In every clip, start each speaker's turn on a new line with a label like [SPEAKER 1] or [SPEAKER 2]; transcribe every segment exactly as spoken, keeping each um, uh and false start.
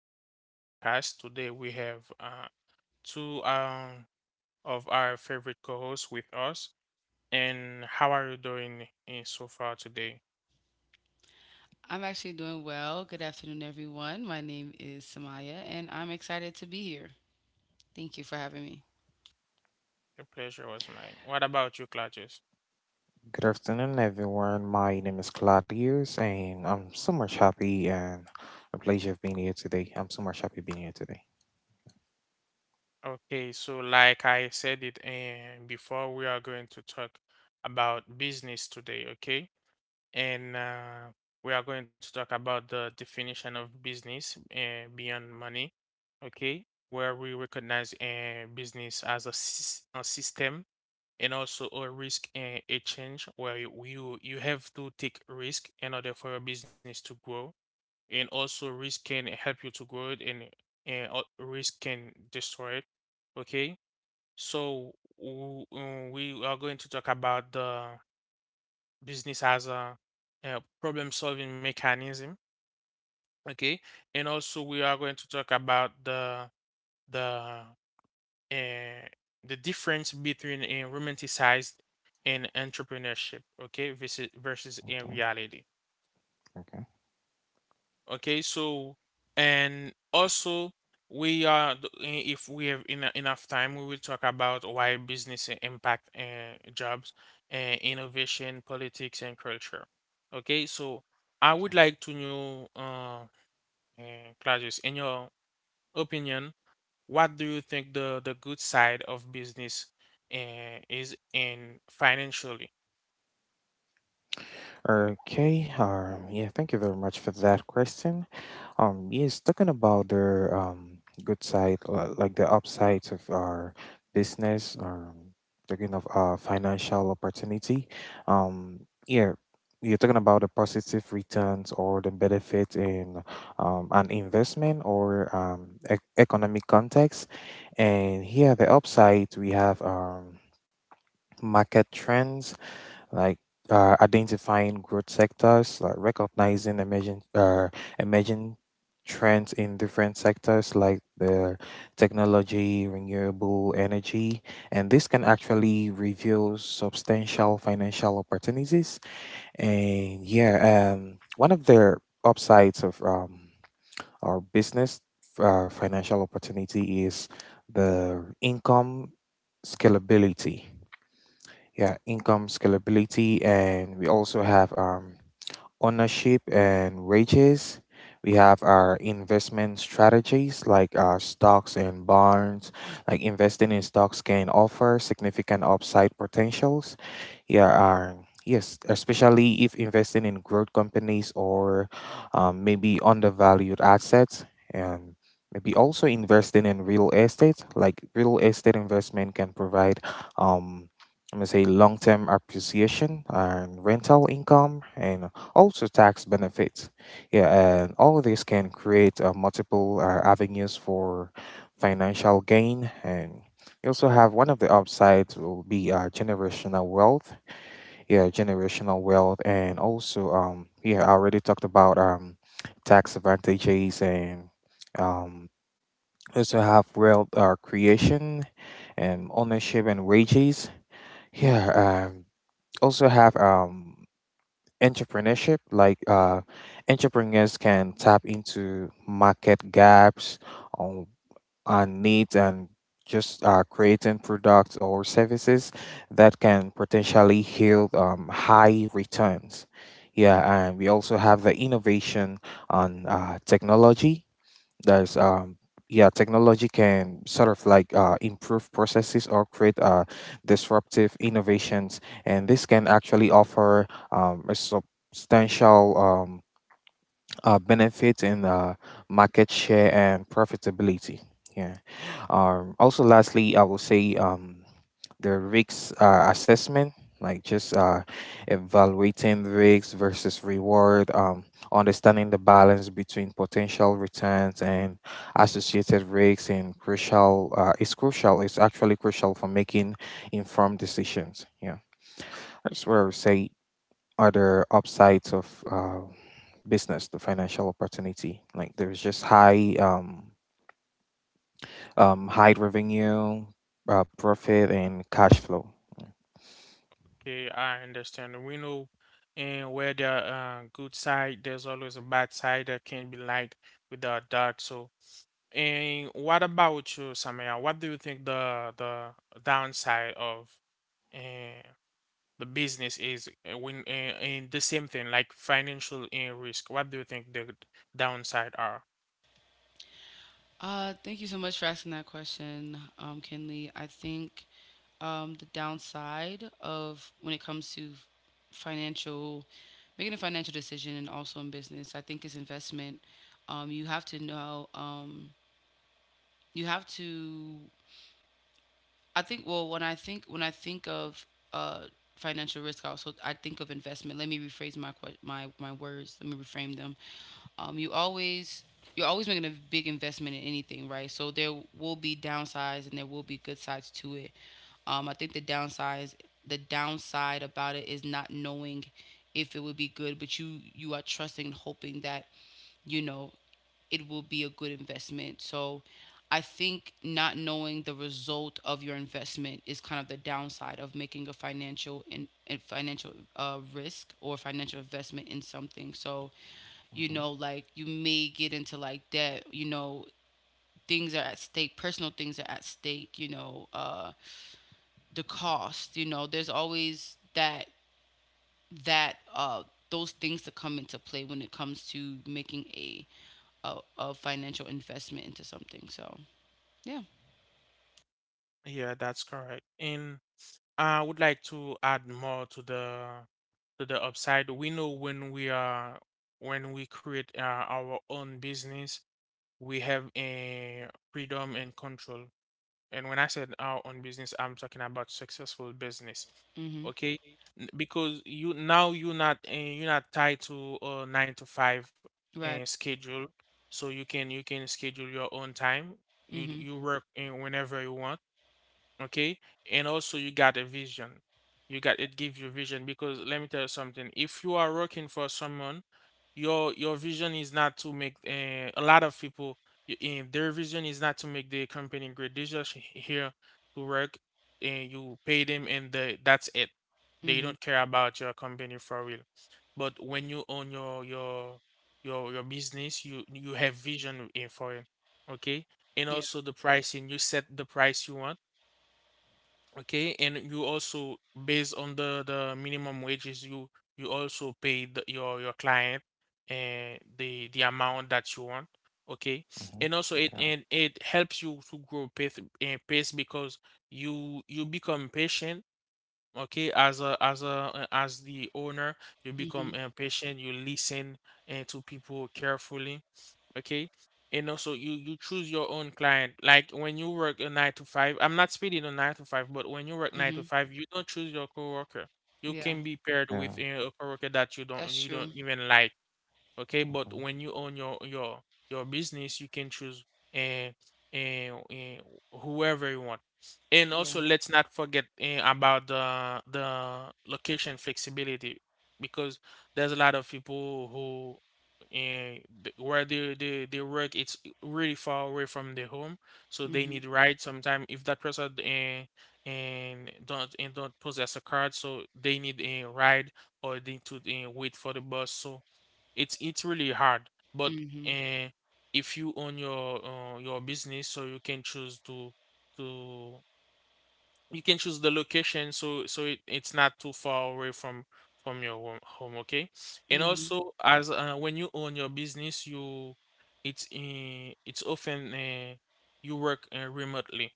[SPEAKER 1] to our podcast. Today we have uh, two um, of our favorite co hosts with us. And how are you doing eh, so far today?
[SPEAKER 2] I'm actually doing well. Good afternoon, everyone. My name is Samaya, and I'm excited to be here. Thank you for having me.
[SPEAKER 1] The pleasure was mine. What about you, Claudius?
[SPEAKER 3] Good afternoon, everyone. My name is Claudius, and I'm so much happy and a pleasure of being here today. I'm so much happy being here today.
[SPEAKER 1] Okay, so like I said it eh, before, we are going to talk about business today, okay? and uh, we are going to talk about the definition of business uh, beyond money, okay? Where we recognize uh, business as a, sys- a system, and also a risk uh, exchange where you, you you have to take risk in order for your business to grow, and also risk can help you to grow it, and and al- risk can destroy it, okay? So w- uh, we are going to talk about the business as a, a problem solving mechanism, okay, and also we are going to talk about the the uh, the difference between a romanticized and entrepreneurship, okay, versus versus in
[SPEAKER 3] Okay,
[SPEAKER 1] reality.
[SPEAKER 3] okay,
[SPEAKER 1] Okay, so and also we are th- I- if we have ena- enough time, we will talk about why business i- impact uh, jobs and innovation, politics, and culture. Okay, so I would like to know, uh, uh, Claudius, in your opinion, what do you think the the good side of business uh, is in financially?
[SPEAKER 3] okay. Um, yeah, Thank you very much for that question. Um, yes, Talking about the um, good side, li- like the upsides of our business, um, talking of our financial opportunity. Um, yeah, you're talking about the positive returns or the benefit in um, an investment or um, ec- economic context. And here, the upside, we have um, market trends like uh, identifying growth sectors, like recognizing emerging uh, emerging trends in different sectors like the technology, renewable energy, and this can actually reveal substantial financial opportunities. And yeah, um, one of the upsides of um, our business uh, financial opportunity is the income scalability. Yeah, income scalability. And we also have um ownership and wages. We have our investment strategies like our stocks and bonds. Like, investing in stocks can offer significant upside potentials. Yeah, our, yes, especially if investing in growth companies or um, maybe undervalued assets, and maybe also investing in real estate. Like, real estate investment can provide, um, I'm gonna say, long-term appreciation and rental income, and also tax benefits. Yeah, and all of this can create uh, multiple uh, avenues for financial gain. And you also have, one of the upsides will be uh, generational wealth. Yeah, generational wealth, and also um, yeah, I already talked about um, tax advantages, and um, also have wealth uh, creation and ownership and wages. Yeah, um, also have um entrepreneurship, like uh, entrepreneurs can tap into market gaps on, on needs, and just uh, creating products or services that can potentially yield um, high returns. Yeah, and we also have the innovation on uh, technology. That's um Yeah, technology can sort of like uh, improve processes or create uh, disruptive innovations, and this can actually offer um, a substantial um, uh, benefit in uh, market share and profitability. Yeah. Um, also, lastly, I will say, Um, the risk uh, assessment, like just uh, evaluating risks versus reward, um, understanding the balance between potential returns and associated risks, and crucial uh, is crucial. It's actually crucial for making informed decisions. Yeah, that's where I would say other upsides of uh, business, the financial opportunity. Like, there's just high, um, um, high revenue, uh, profit, and cash flow.
[SPEAKER 1] Okay, I understand. We know, and where there are uh, good side, there's always a bad side that can be light without dark. So, and what about you, Samaya? What do you think the the downside of uh, the business is uh, when uh, in the same thing like financial uh, risk? What do you think the downside are?
[SPEAKER 2] Uh, thank you so much for asking that question, um, Kinley. I think um, the downside of when it comes to financial, making a financial decision and also in business, I think, is investment. Um, you have to know. Um, you have to I think, well, when I think when I think of uh financial risk, I also I think of investment. Let me rephrase my que- my my words. Let me reframe them. Um you always you're always making a big investment in anything, right? So there will be downsides and there will be good sides to it. Um I think the downsides the downside about it is not knowing if it would be good, but you you are trusting and hoping that you know it will be a good investment. So I think not knowing the result of your investment is kind of the downside of making a financial and financial uh, risk, or financial investment, in something. So you
[SPEAKER 3] Mhm.
[SPEAKER 2] know, like, you may get into like debt you know Things are at stake, personal things are at stake you know uh the cost you know There's always that that uh those things to come into play when it comes to making a a, a financial investment into something. So yeah.
[SPEAKER 1] Yeah, that's correct. And I would like to add more to the to the upside. We know when we are when we create uh, our own business, we have a freedom and control. And when I said our own business, I'm talking about successful business.
[SPEAKER 2] Hmm.
[SPEAKER 1] Okay? N- Because you now you're not uh, you're not tied to a nine to five uh,
[SPEAKER 2] Right.
[SPEAKER 1] schedule. So you can you can schedule your own time. You d-
[SPEAKER 2] Hmm.
[SPEAKER 1] you work uh, whenever you want, okay, and also you got a vision, you got it gives you vision, because let me tell you something, if you are working for someone, your your vision is not to make uh, a lot of people, y- eh, their vision is not to make the company great, they just h- here to work and you pay them and they, that's it, they
[SPEAKER 2] Hmm.
[SPEAKER 1] don't care about your company for real. But when you own your your your your business, you you have vision eh, for it, okay. And
[SPEAKER 2] Yeah.
[SPEAKER 1] also the pricing, you set the price you want, okay, and you also based on the the minimum wages you you also pay the, your your client and the the amount that you want, okay, and also it and it helps you to grow pace and pace because you you become patient. Okay, as a as a uh, as the owner, you become
[SPEAKER 2] Hmm.
[SPEAKER 1] impatient, you listen uh, to people carefully. Okay. And also you you choose your own client. Like when you work a nine to five, I'm not speaking on nine to five, but when you work nine to
[SPEAKER 2] Hmm.
[SPEAKER 1] five, you don't choose your coworker. You
[SPEAKER 2] Yeah.
[SPEAKER 1] can be paired
[SPEAKER 3] Yeah.
[SPEAKER 1] with uh, a coworker that you
[SPEAKER 2] That's
[SPEAKER 1] don't you
[SPEAKER 2] true.
[SPEAKER 1] don't even like, okay, but when you own your your your business you can choose and and, whoever you want. And
[SPEAKER 2] Yeah.
[SPEAKER 1] also let's not forget eh, about the the location flexibility, because there's a lot of people who and where they, they they work it's really far away from their home, so they
[SPEAKER 2] Hmm.
[SPEAKER 1] need ride sometime if that person eh and don't and don't possess a card, so they need a ride or they need to eh, wait for the bus, so it's it's really hard. But
[SPEAKER 2] Hmm.
[SPEAKER 1] uh, if you own your uh, your business, so you can choose to to you can choose the location, so so it, it's not too far away from from your wo- home, okay. And
[SPEAKER 2] Hmm.
[SPEAKER 1] also as uh, when you own your business you it's uh, it's often uh, you work uh, remotely,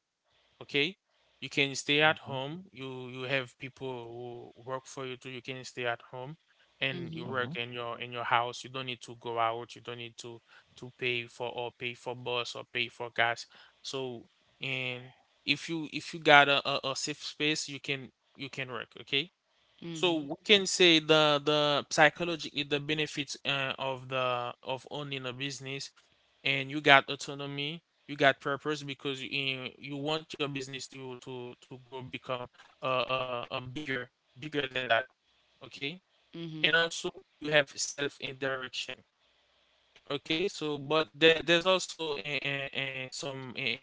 [SPEAKER 1] okay, you can stay at
[SPEAKER 3] Mhm.
[SPEAKER 1] home, you you have people who work for you too, you can stay at home and
[SPEAKER 2] Hmm.
[SPEAKER 1] you work
[SPEAKER 3] Hmm.
[SPEAKER 1] in your in your house, you don't need to go out, you don't need to to pay for or pay for bus or pay for gas. So and if you if you got a, a, a safe space you can you can work, okay. So
[SPEAKER 2] Hmm.
[SPEAKER 1] we can say the the psychologically the benefits uh, of the of owning a business, and you got autonomy, you got purpose because you you want your business to to to grow, become uh, uh, uh bigger, bigger than that. Okay, and
[SPEAKER 2] Hmm.
[SPEAKER 1] also you have self in direction. Okay, so but there there's also a, a, a, some uh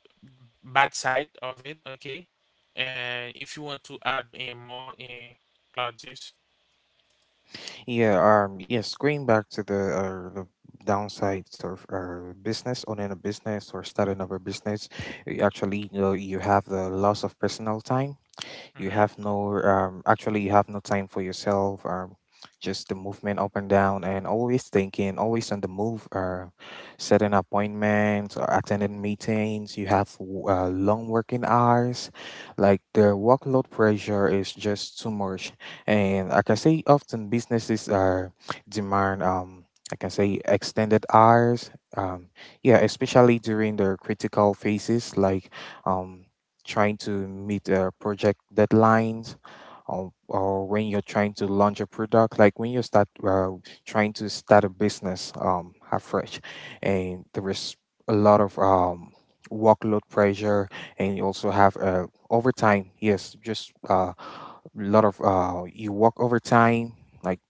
[SPEAKER 1] b- bad side of it. Okay, and if you want to add uh, more, uh, Claudius.
[SPEAKER 3] Yeah, um, yes, going back to the, uh, the downsides of uh, business, owning a business or starting up a business, y- actually, you know, you have the loss of personal time. You
[SPEAKER 1] Mm-hmm.
[SPEAKER 3] have no um actually you have no time for yourself. Um, just the movement up and down, and always thinking, always on the move. Uh, setting appointments or attending meetings. You have w- uh, long working hours. Like, the workload pressure is just too much, and I can say often businesses are demand, um I can say extended hours. Um, yeah, Especially during the critical phases, like um trying to meet uh, project deadlines, or, or when you're trying to launch a product, like when you start uh, trying to start a business um, afresh, and there is a lot of um, workload pressure. And you also have uh, overtime. Yes, just a uh, lot of uh, you work overtime. Like,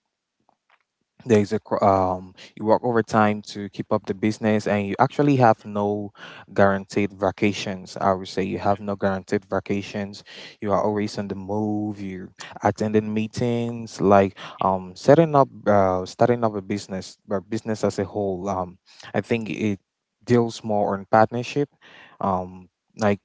[SPEAKER 3] there is a cr- um you work overtime to keep up the business, and you actually have no guaranteed vacations. I would say you have no guaranteed vacations. You are always on the move. You attending meetings, like,
[SPEAKER 1] Yeah.
[SPEAKER 3] um setting up uh starting up a business. But business as a whole, um I think it deals more on partnership. um like,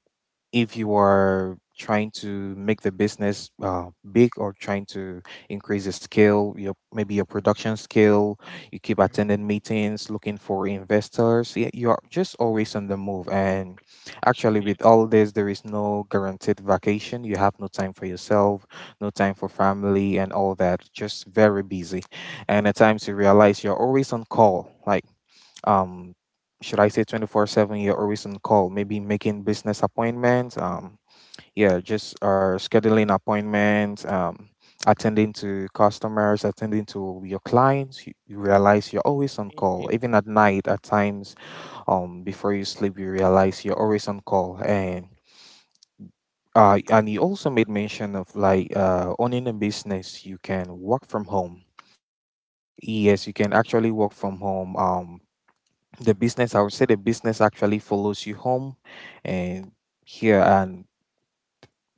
[SPEAKER 3] if you are trying to make the business uh, big or trying to increase the scale, your, maybe your production scale, you keep
[SPEAKER 1] Mhm.
[SPEAKER 3] attending meetings, looking for investors. Y- you are just always on the move. And actually,
[SPEAKER 1] Yeah.
[SPEAKER 3] with all this, there is no guaranteed vacation. You have no time for yourself, no time for family, and all that. Just very busy. And at times you realize you're always on call. Like, um should I say twenty four seven? You're always on call, maybe making business appointments. Um yeah, just or scheduling appointments, um attending to customers, attending to your clients. You, you realize you're always on call
[SPEAKER 1] Me.
[SPEAKER 3] even at night at times. Um before you sleep, you realize you're always on call. And uh, and you also made mention of, like, uh, owning a business you can work from home. Yes, you can actually work from home. Um, the business, I would say the business actually follows you home, and here, and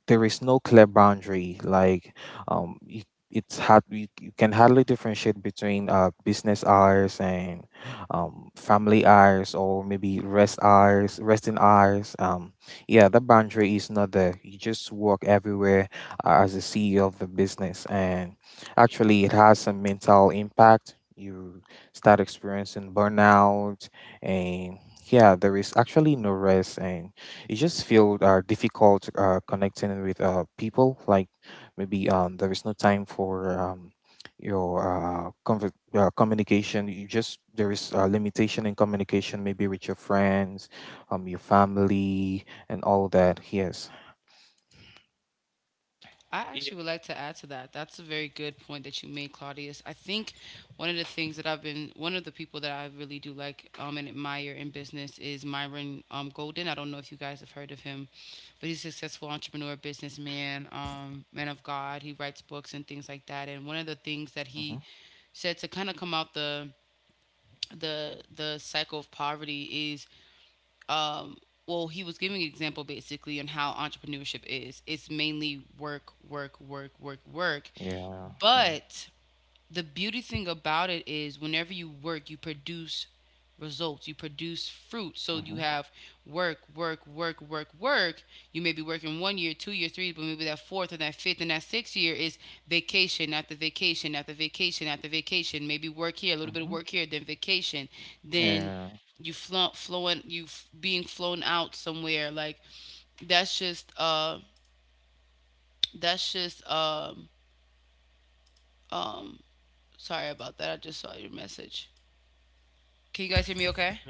[SPEAKER 3] there is no clear boundary. Like, um, it, it's hard. You, you can hardly differentiate between uh business hours and um family hours, or maybe rest hours, resting hours. Um, yeah, that boundary is not there. You just work everywhere uh, as a C E O of the business, and actually, it has some mental impact. You start experiencing burnout, and yeah, there is actually no rest, and you just feel uh, difficult uh, connecting with uh, people. Like, maybe um, there is no time for um, your uh, conver- uh, communication. You just, there is a limitation in communication, maybe with your friends, um, your family, and all that. Yes.
[SPEAKER 2] I
[SPEAKER 1] Yeah.
[SPEAKER 2] actually would like to add to that. That's a very good point that you made, Claudius. I think one of the things that I've been, one of the people that I really do like, um, and admire in business, is Myron um, Golden. I don't know if you guys have heard of him, but he's a successful entrepreneur, businessman, um, man of God. He writes books and things like that. And one of the things that
[SPEAKER 3] Mm-hmm.
[SPEAKER 2] he said to kind of come out the the the cycle of poverty is, um, well, he was giving an example basically on how entrepreneurship is. It's mainly work, work, work, work, work.
[SPEAKER 3] Yeah. Yeah.
[SPEAKER 2] But the beauty thing about it is whenever you work, you produce results, you produce fruit. So you
[SPEAKER 3] Mm-hmm.
[SPEAKER 2] have work, work, work, work, work. You may be working one year, two year, three, but maybe that fourth and that fifth and that sixth year is vacation after vacation after vacation after vacation, maybe work here, a little bit of
[SPEAKER 3] Mm-hmm.
[SPEAKER 2] work here, then vacation, then
[SPEAKER 3] Yeah.
[SPEAKER 2] you flo- flowing, you f- being flown out somewhere. Like, that's just uh that's just um um sorry about that, I just saw your message. Can you guys hear me okay?
[SPEAKER 1] Okay.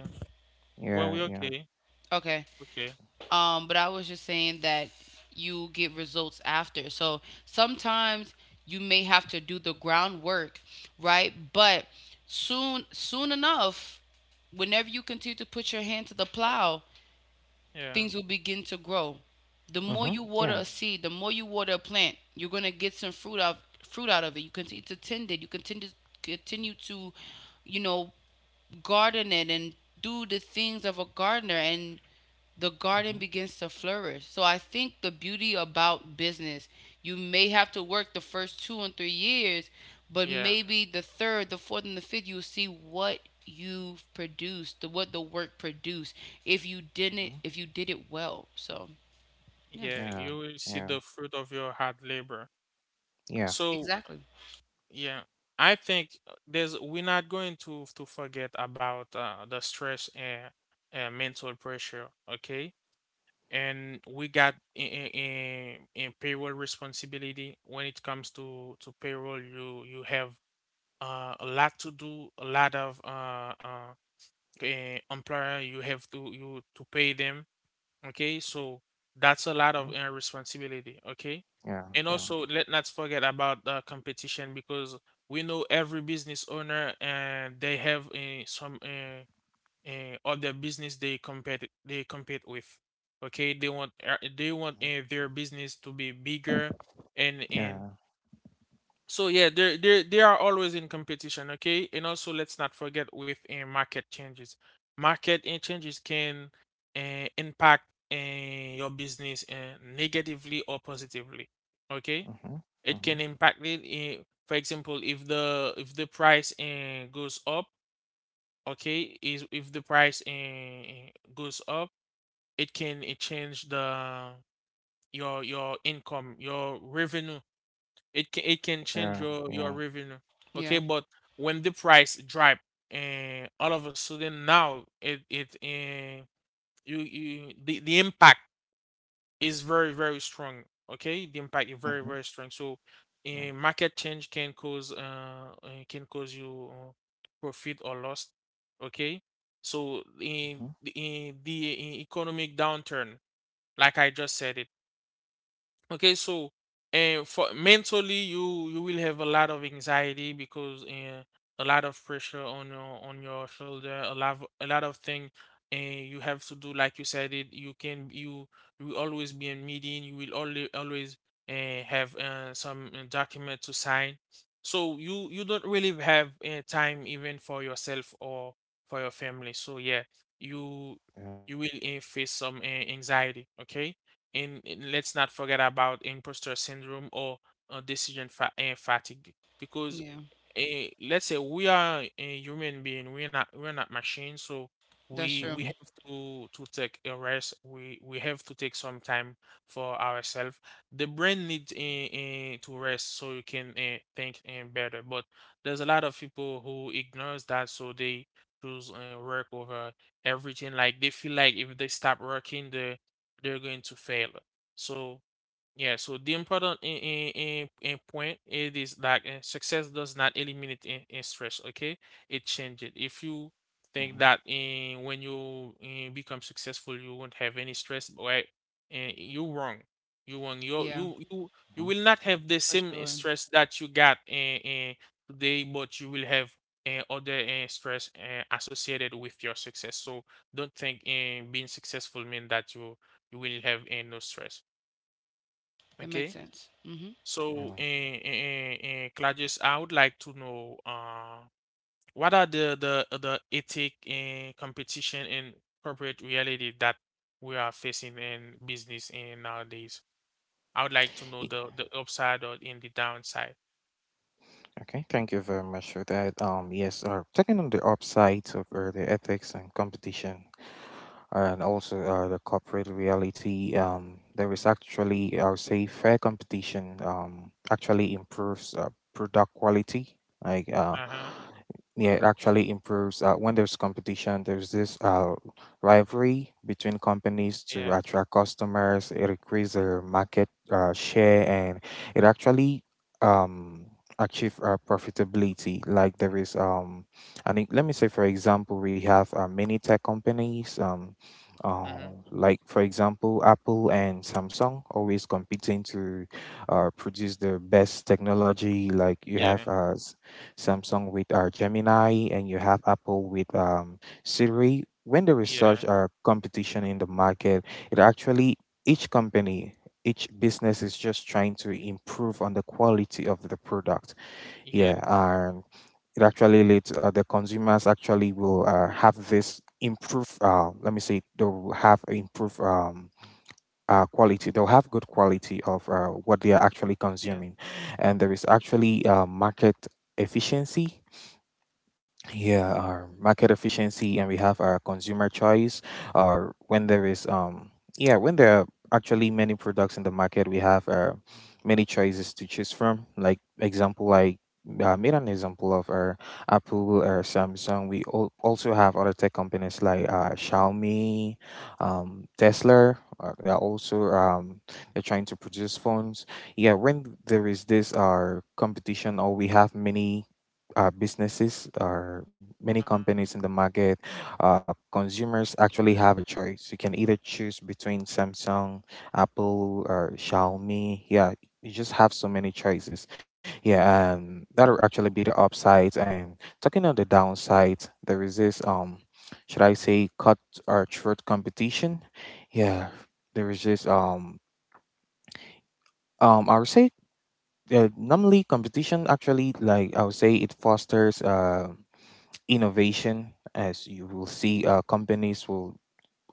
[SPEAKER 1] Well, we
[SPEAKER 3] Yeah. Yeah.
[SPEAKER 1] okay.
[SPEAKER 2] Okay.
[SPEAKER 1] Okay.
[SPEAKER 2] Um, but I was just saying that you get results after. So sometimes you may have to do the groundwork, right? But soon soon enough, whenever you continue to put your hand to the plow,
[SPEAKER 1] Yeah.
[SPEAKER 2] things will begin to grow. The more
[SPEAKER 3] Mm-hmm.
[SPEAKER 2] you water
[SPEAKER 3] Yeah.
[SPEAKER 2] a seed, the more you water a plant, you're gonna get some fruit out fruit out of it. You continue to tend it. You continue continue to, you know, garden it, and do the things of a gardener, and the garden
[SPEAKER 3] Mm-hmm.
[SPEAKER 2] begins to flourish. So I think the beauty about business, you may have to work the first two and three years, but
[SPEAKER 1] Yeah.
[SPEAKER 2] maybe the third, the fourth, and the fifth, you'll see what you've produced, the, what the work produced. If you didn't,
[SPEAKER 3] Mm-hmm.
[SPEAKER 2] if you did it well. So yeah,
[SPEAKER 1] Yeah.
[SPEAKER 3] Yeah.
[SPEAKER 1] You will see
[SPEAKER 3] Yeah.
[SPEAKER 1] the fruit of your hard labor.
[SPEAKER 3] Yeah.
[SPEAKER 1] So,
[SPEAKER 2] exactly.
[SPEAKER 1] yeah, I think uh, there's we're not going to to forget about uh, the stress and uh, mental pressure. Okay. And we got in, in payroll responsibility. When it comes to to payroll, you you have uh, a lot to do, a lot of uh, uh uh, employer, you have to you to pay them, okay, so that's a lot of uh, responsibility, okay.
[SPEAKER 3] Yeah.
[SPEAKER 1] And
[SPEAKER 3] Yeah.
[SPEAKER 1] also let not forget about the competition, because we know every business owner and they have uh, some uh, uh, other business they compete they compete with, okay, they want uh, they want
[SPEAKER 3] Mm-hmm.
[SPEAKER 1] uh, their business to be bigger and and
[SPEAKER 3] Yeah.
[SPEAKER 1] so yeah, they they they are always in competition, okay? And also let's not forget with uh, market changes. Market uh, changes can uh, impact uh, your business uh, negatively or positively, okay?
[SPEAKER 3] Mm-hmm.
[SPEAKER 1] It
[SPEAKER 3] Mm-hmm.
[SPEAKER 1] can impact it. Uh, for example, if the if the price uh, goes up, okay, is if the price uh, goes up, it can uh, change the your your income, your revenue, it can it can change
[SPEAKER 3] Yeah.
[SPEAKER 1] your your
[SPEAKER 3] Yeah.
[SPEAKER 1] revenue. Okay,
[SPEAKER 2] Yeah,
[SPEAKER 1] but when the price drop and all of a sudden now it it and you you the, the impact is very very strong. Okay, the impact is very
[SPEAKER 3] Mm-hmm.
[SPEAKER 1] very strong. So a market change can cause uh uh, can cause you uh, profit or loss. Okay, so in
[SPEAKER 3] Mhm,
[SPEAKER 1] in the in economic downturn, like I just said it. Okay, so and for mentally you you will have a lot of anxiety because uh, a lot of pressure on your on your shoulder, a lot of, a lot of thing and you have to do, like you said it, you can you you will always be in meeting, you will only always uh, have uh, some uh, document to sign. So you you don't really have uh, time even for yourself or for your family. So yeah, you you will uh, face some uh, anxiety, okay? and and let's not forget about imposter syndrome or uh, decision fa- uh, fatigue, because
[SPEAKER 2] yeah,
[SPEAKER 1] eh, let's say we are a human being, we're not we're not machines, so we
[SPEAKER 2] that's true.
[SPEAKER 1] we
[SPEAKER 3] mhm,
[SPEAKER 1] have to to take a rest, we we have to take some time for ourselves, the brain needs uh, to rest so you can uh, think uh, better. But there's a lot of people who ignores that, so they choose uh, work over everything, like they feel like if they stop working they they're going to fail. So yeah, so the important in, in, in, in point it is that uh, success does not eliminate in, in stress, okay? It changes it. If you think
[SPEAKER 3] mhm,
[SPEAKER 1] that in, when you in, become successful you won't have any stress, right? And you wrong. You wrong. You
[SPEAKER 2] Yeah,
[SPEAKER 1] you you you
[SPEAKER 3] mhm.
[SPEAKER 1] will not have the
[SPEAKER 2] for
[SPEAKER 1] same eh,
[SPEAKER 2] sure.
[SPEAKER 1] stress that you got in, in today, but you will have uh, other uh, stress uh, associated with your success. So don't think in being successful mean that you you will have uh, no stress,
[SPEAKER 2] That makes
[SPEAKER 1] okay?
[SPEAKER 2] sense. Hmm.
[SPEAKER 1] So,
[SPEAKER 3] Yeah.
[SPEAKER 1] and, and, and Claudius, I would like to know uh, what are the, the the ethic and competition and corporate reality that we are facing in business in nowadays. I would like to know
[SPEAKER 3] Y-
[SPEAKER 1] the the upside or in the downside.
[SPEAKER 3] Okay, thank you very much for that. Um, yes, uh, Taking on the upsides of uh, the ethics and competition, and also uh, the corporate reality. Um, there is actually, I would say, fair competition um, actually improves uh, product quality. Like, uh,
[SPEAKER 1] Uh-huh.
[SPEAKER 3] yeah, it actually improves uh, when there's competition. There's this uh, rivalry between companies to
[SPEAKER 1] Yes.
[SPEAKER 3] attract customers. It increases their market uh, share, and it actually um, achieve uh, profitability. Like there is um, And let me say, for example, we have uh, many tech companies. Um, uh,
[SPEAKER 1] Mm-hmm.
[SPEAKER 3] like, for example, Apple and Samsung always competing to uh, produce the best technology. Like, you
[SPEAKER 1] Yeah.
[SPEAKER 3] have uh, s- Samsung with uh, Gemini, and you have Apple with um, Siri. When there is
[SPEAKER 1] Yeah.
[SPEAKER 3] such uh, competition in the market, it actually, each company, each business is just trying to improve on the quality of the product. Yeah,
[SPEAKER 1] Yes.
[SPEAKER 3] it actually leads uh, the consumers actually will uh, have this improve, uh, let me say they'll have improve um, uh, quality. They'll have good quality of uh, what they are actually
[SPEAKER 1] Yeah.
[SPEAKER 3] consuming. And there is actually uh, market efficiency. Yeah, our market efficiency. And we have our consumer choice. Or when there is um yeah, when there are actually many products in the market, we have uh, many choices to choose from. Like, example, like I made an example of our Apple or Samsung. We al- also have other tech companies like uh, Xiaomi, um, Tesla. Uh, they are also um, they're trying to produce phones. Yeah, when there is this our competition, or we have many uh, businesses or many
[SPEAKER 1] Uh-huh.
[SPEAKER 3] companies in the market, uh, consumers actually have a choice. You can either choose between Samsung, Apple, or Xiaomi. Yeah, you just have so many choices. Yeah, um, that'll actually be the upsides. And talking on the downsides, there is this, um, should I say cut or
[SPEAKER 1] Hello.
[SPEAKER 3] throat competition? Yeah, there is this, um, um, I would say. Uh, normally competition actually, like I would say, it fosters uh innovation. As you will see, uh, companies will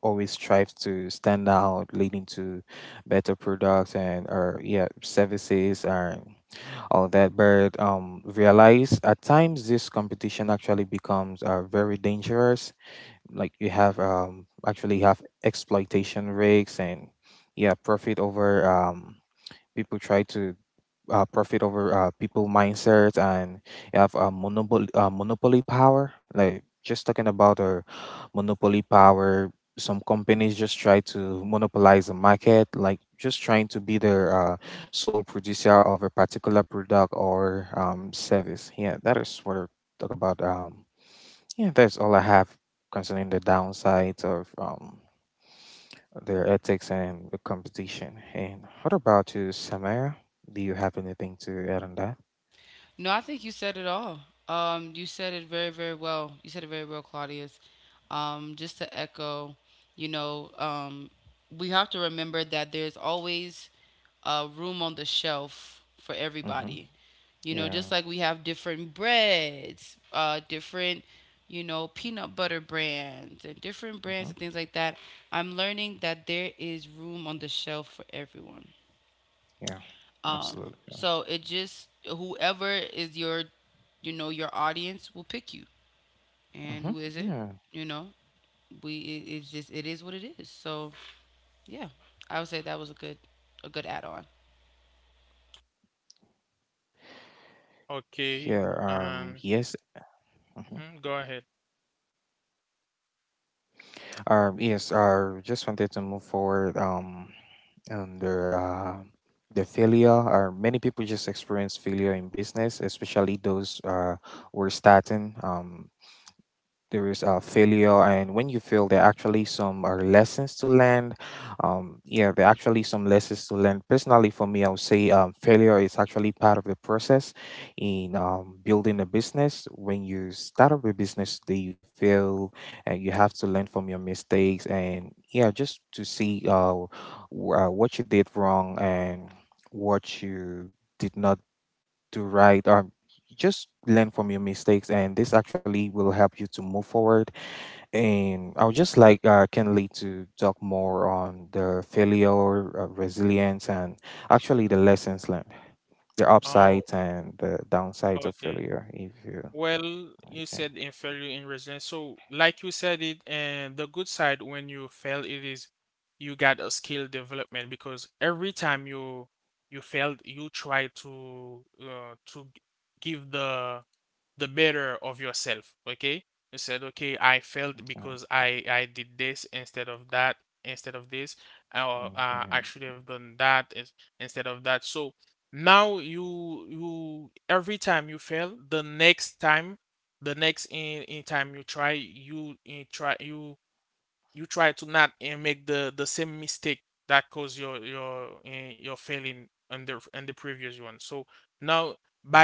[SPEAKER 3] always strive to stand out, leading to better products and or yeah services and all that. But um, realize at times this competition actually becomes uh, very dangerous. Like, you have um, actually have exploitation risks, and yeah, profit over um, people try to uh, profit over uh, people mindsets. And you have a monopoly uh, monopoly power. Like, just talking about a monopoly power, some companies just try to monopolize the market, like just trying to be the uh, sole producer of a particular product or um, service. Yeah, that is what I talk about. Um, yeah, that's all I have concerning the downsides of um, their ethics and the competition. And what about you, Samara? Do you have anything to add on that?
[SPEAKER 2] No, I think you said it all. Um, you said it very, very well. You said it very well, Claudius. Um, just to echo, you know, um, we have to remember that there's always, uh, room on the shelf for
[SPEAKER 3] Mm-hmm.
[SPEAKER 2] everybody. You know,
[SPEAKER 3] Yeah.
[SPEAKER 2] just like we have different breads, uh, different, you know, peanut butter brands and different brands
[SPEAKER 3] Mm-hmm.
[SPEAKER 2] and things like that. I'm learning that there is room on the shelf for everyone.
[SPEAKER 3] Yeah.
[SPEAKER 2] Um,
[SPEAKER 3] Absolutely.
[SPEAKER 2] so it just, whoever is your, you know your audience will pick you. And who
[SPEAKER 3] Mm-hmm.
[SPEAKER 2] is it?
[SPEAKER 3] Yeah.
[SPEAKER 2] You know, we it, it's just it is what it is. So yeah, I would say that was a good a good add-on.
[SPEAKER 3] Yeah. Um. Yes. Mm-hmm. Um. Yes, I just wanted to move forward. Um. Under uh, the failure, or many people just experience failure in business, especially those uh, who are starting. Um. There is a failure, and when you fail there are actually some are lessons to learn. Um yeah, there are actually some lessons to learn. Personally, for me, I would say um, failure is actually part of the process in um, building a business. When you start up a business that you fail, and you have to learn from your mistakes. And yeah, just to see uh, wh- uh what you did wrong and what you did not do right, or just learn from your mistakes. And this actually will help you to move forward. And I would just like uh, Kenley to talk more on the failure, uh, resilience, and actually the lessons learned, the upsides and the downsides of failure. If you. Okay, okay, okay.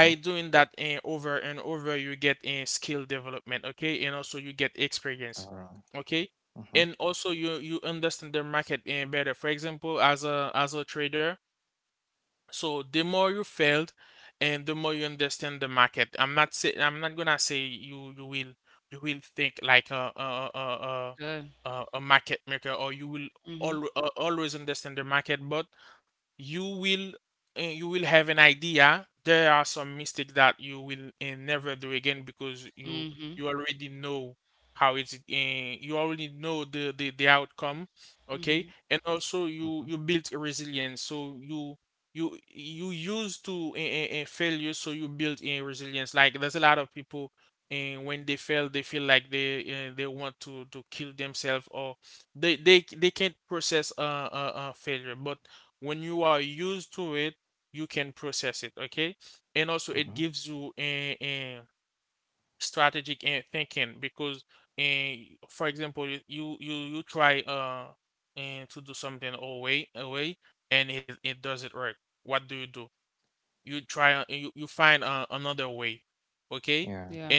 [SPEAKER 3] Mhm. All right. Mhm,
[SPEAKER 2] Good. Hmm. Hmm. Hmm.
[SPEAKER 3] mhm, mhm. Yeah.
[SPEAKER 2] Yeah.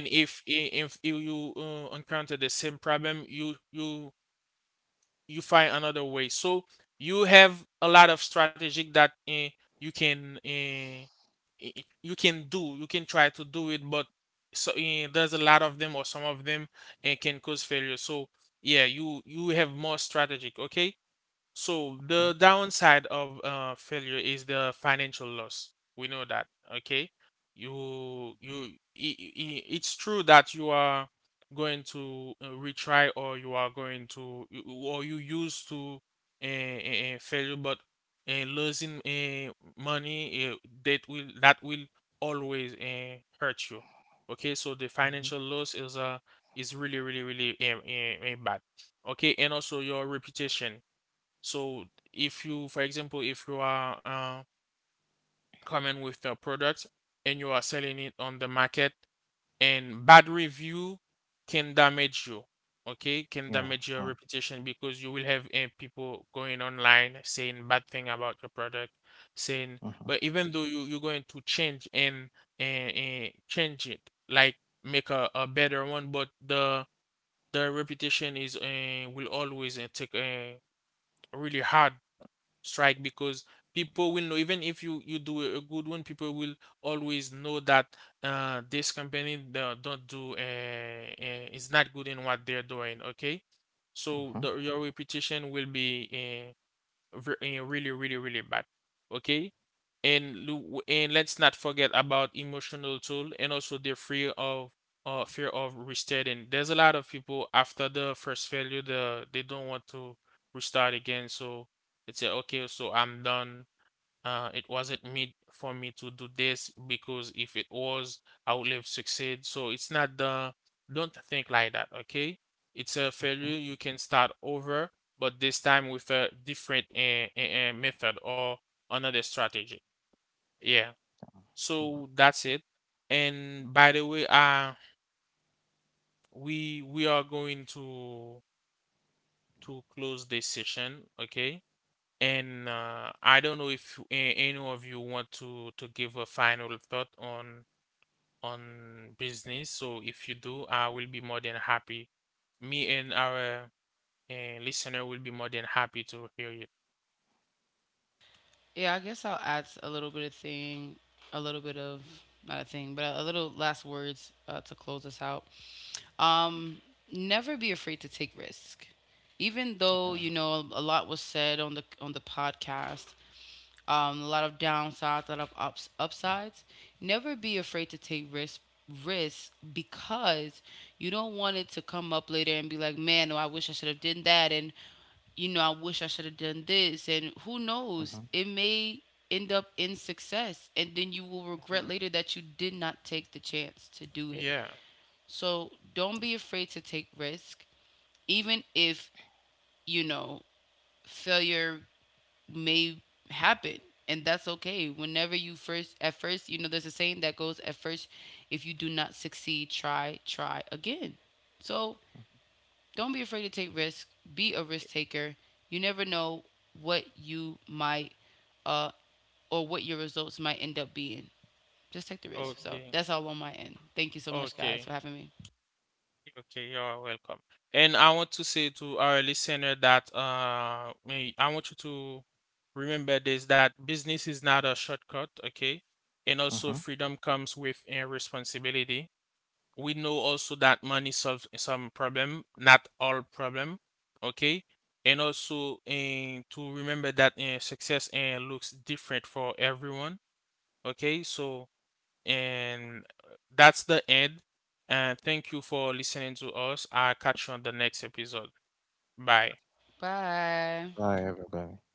[SPEAKER 3] Mhm, mhm, mhm. Yeah. Mhm, mhm, mhm, mhm, mhm.
[SPEAKER 2] Yeah, I guess I'll add s- a little bit of thing a little bit of not a thing, but a, a little last words, uh, to close us out. Um never be afraid to take risk. Even though, you
[SPEAKER 3] Yeah.
[SPEAKER 2] know, a lot was said on the on the podcast, um, a lot of downsides, a lot of ups, upsides. Never be afraid to take risks risks because you don't want it to come up later and be like, man, oh, I wish I should have done that, and, you know, I wish I should have done this, and who knows,
[SPEAKER 3] Mhm,
[SPEAKER 2] it may end up in success, and then you will regret later that you did not take the chance to do it. So don't be afraid to take risk, even if, you know, failure may happen, and that's okay. Whenever you first at first, you know, there's a saying that goes, at first if you do not succeed, try, try again. So don't be afraid to take risks, be a risk taker. You never know what you might, uh or what your results might end up being. Just take the risk. So that's all on my end. Thank you so much, guys, for having me.
[SPEAKER 3] mhm.
[SPEAKER 2] Bye.
[SPEAKER 3] Bye, everybody.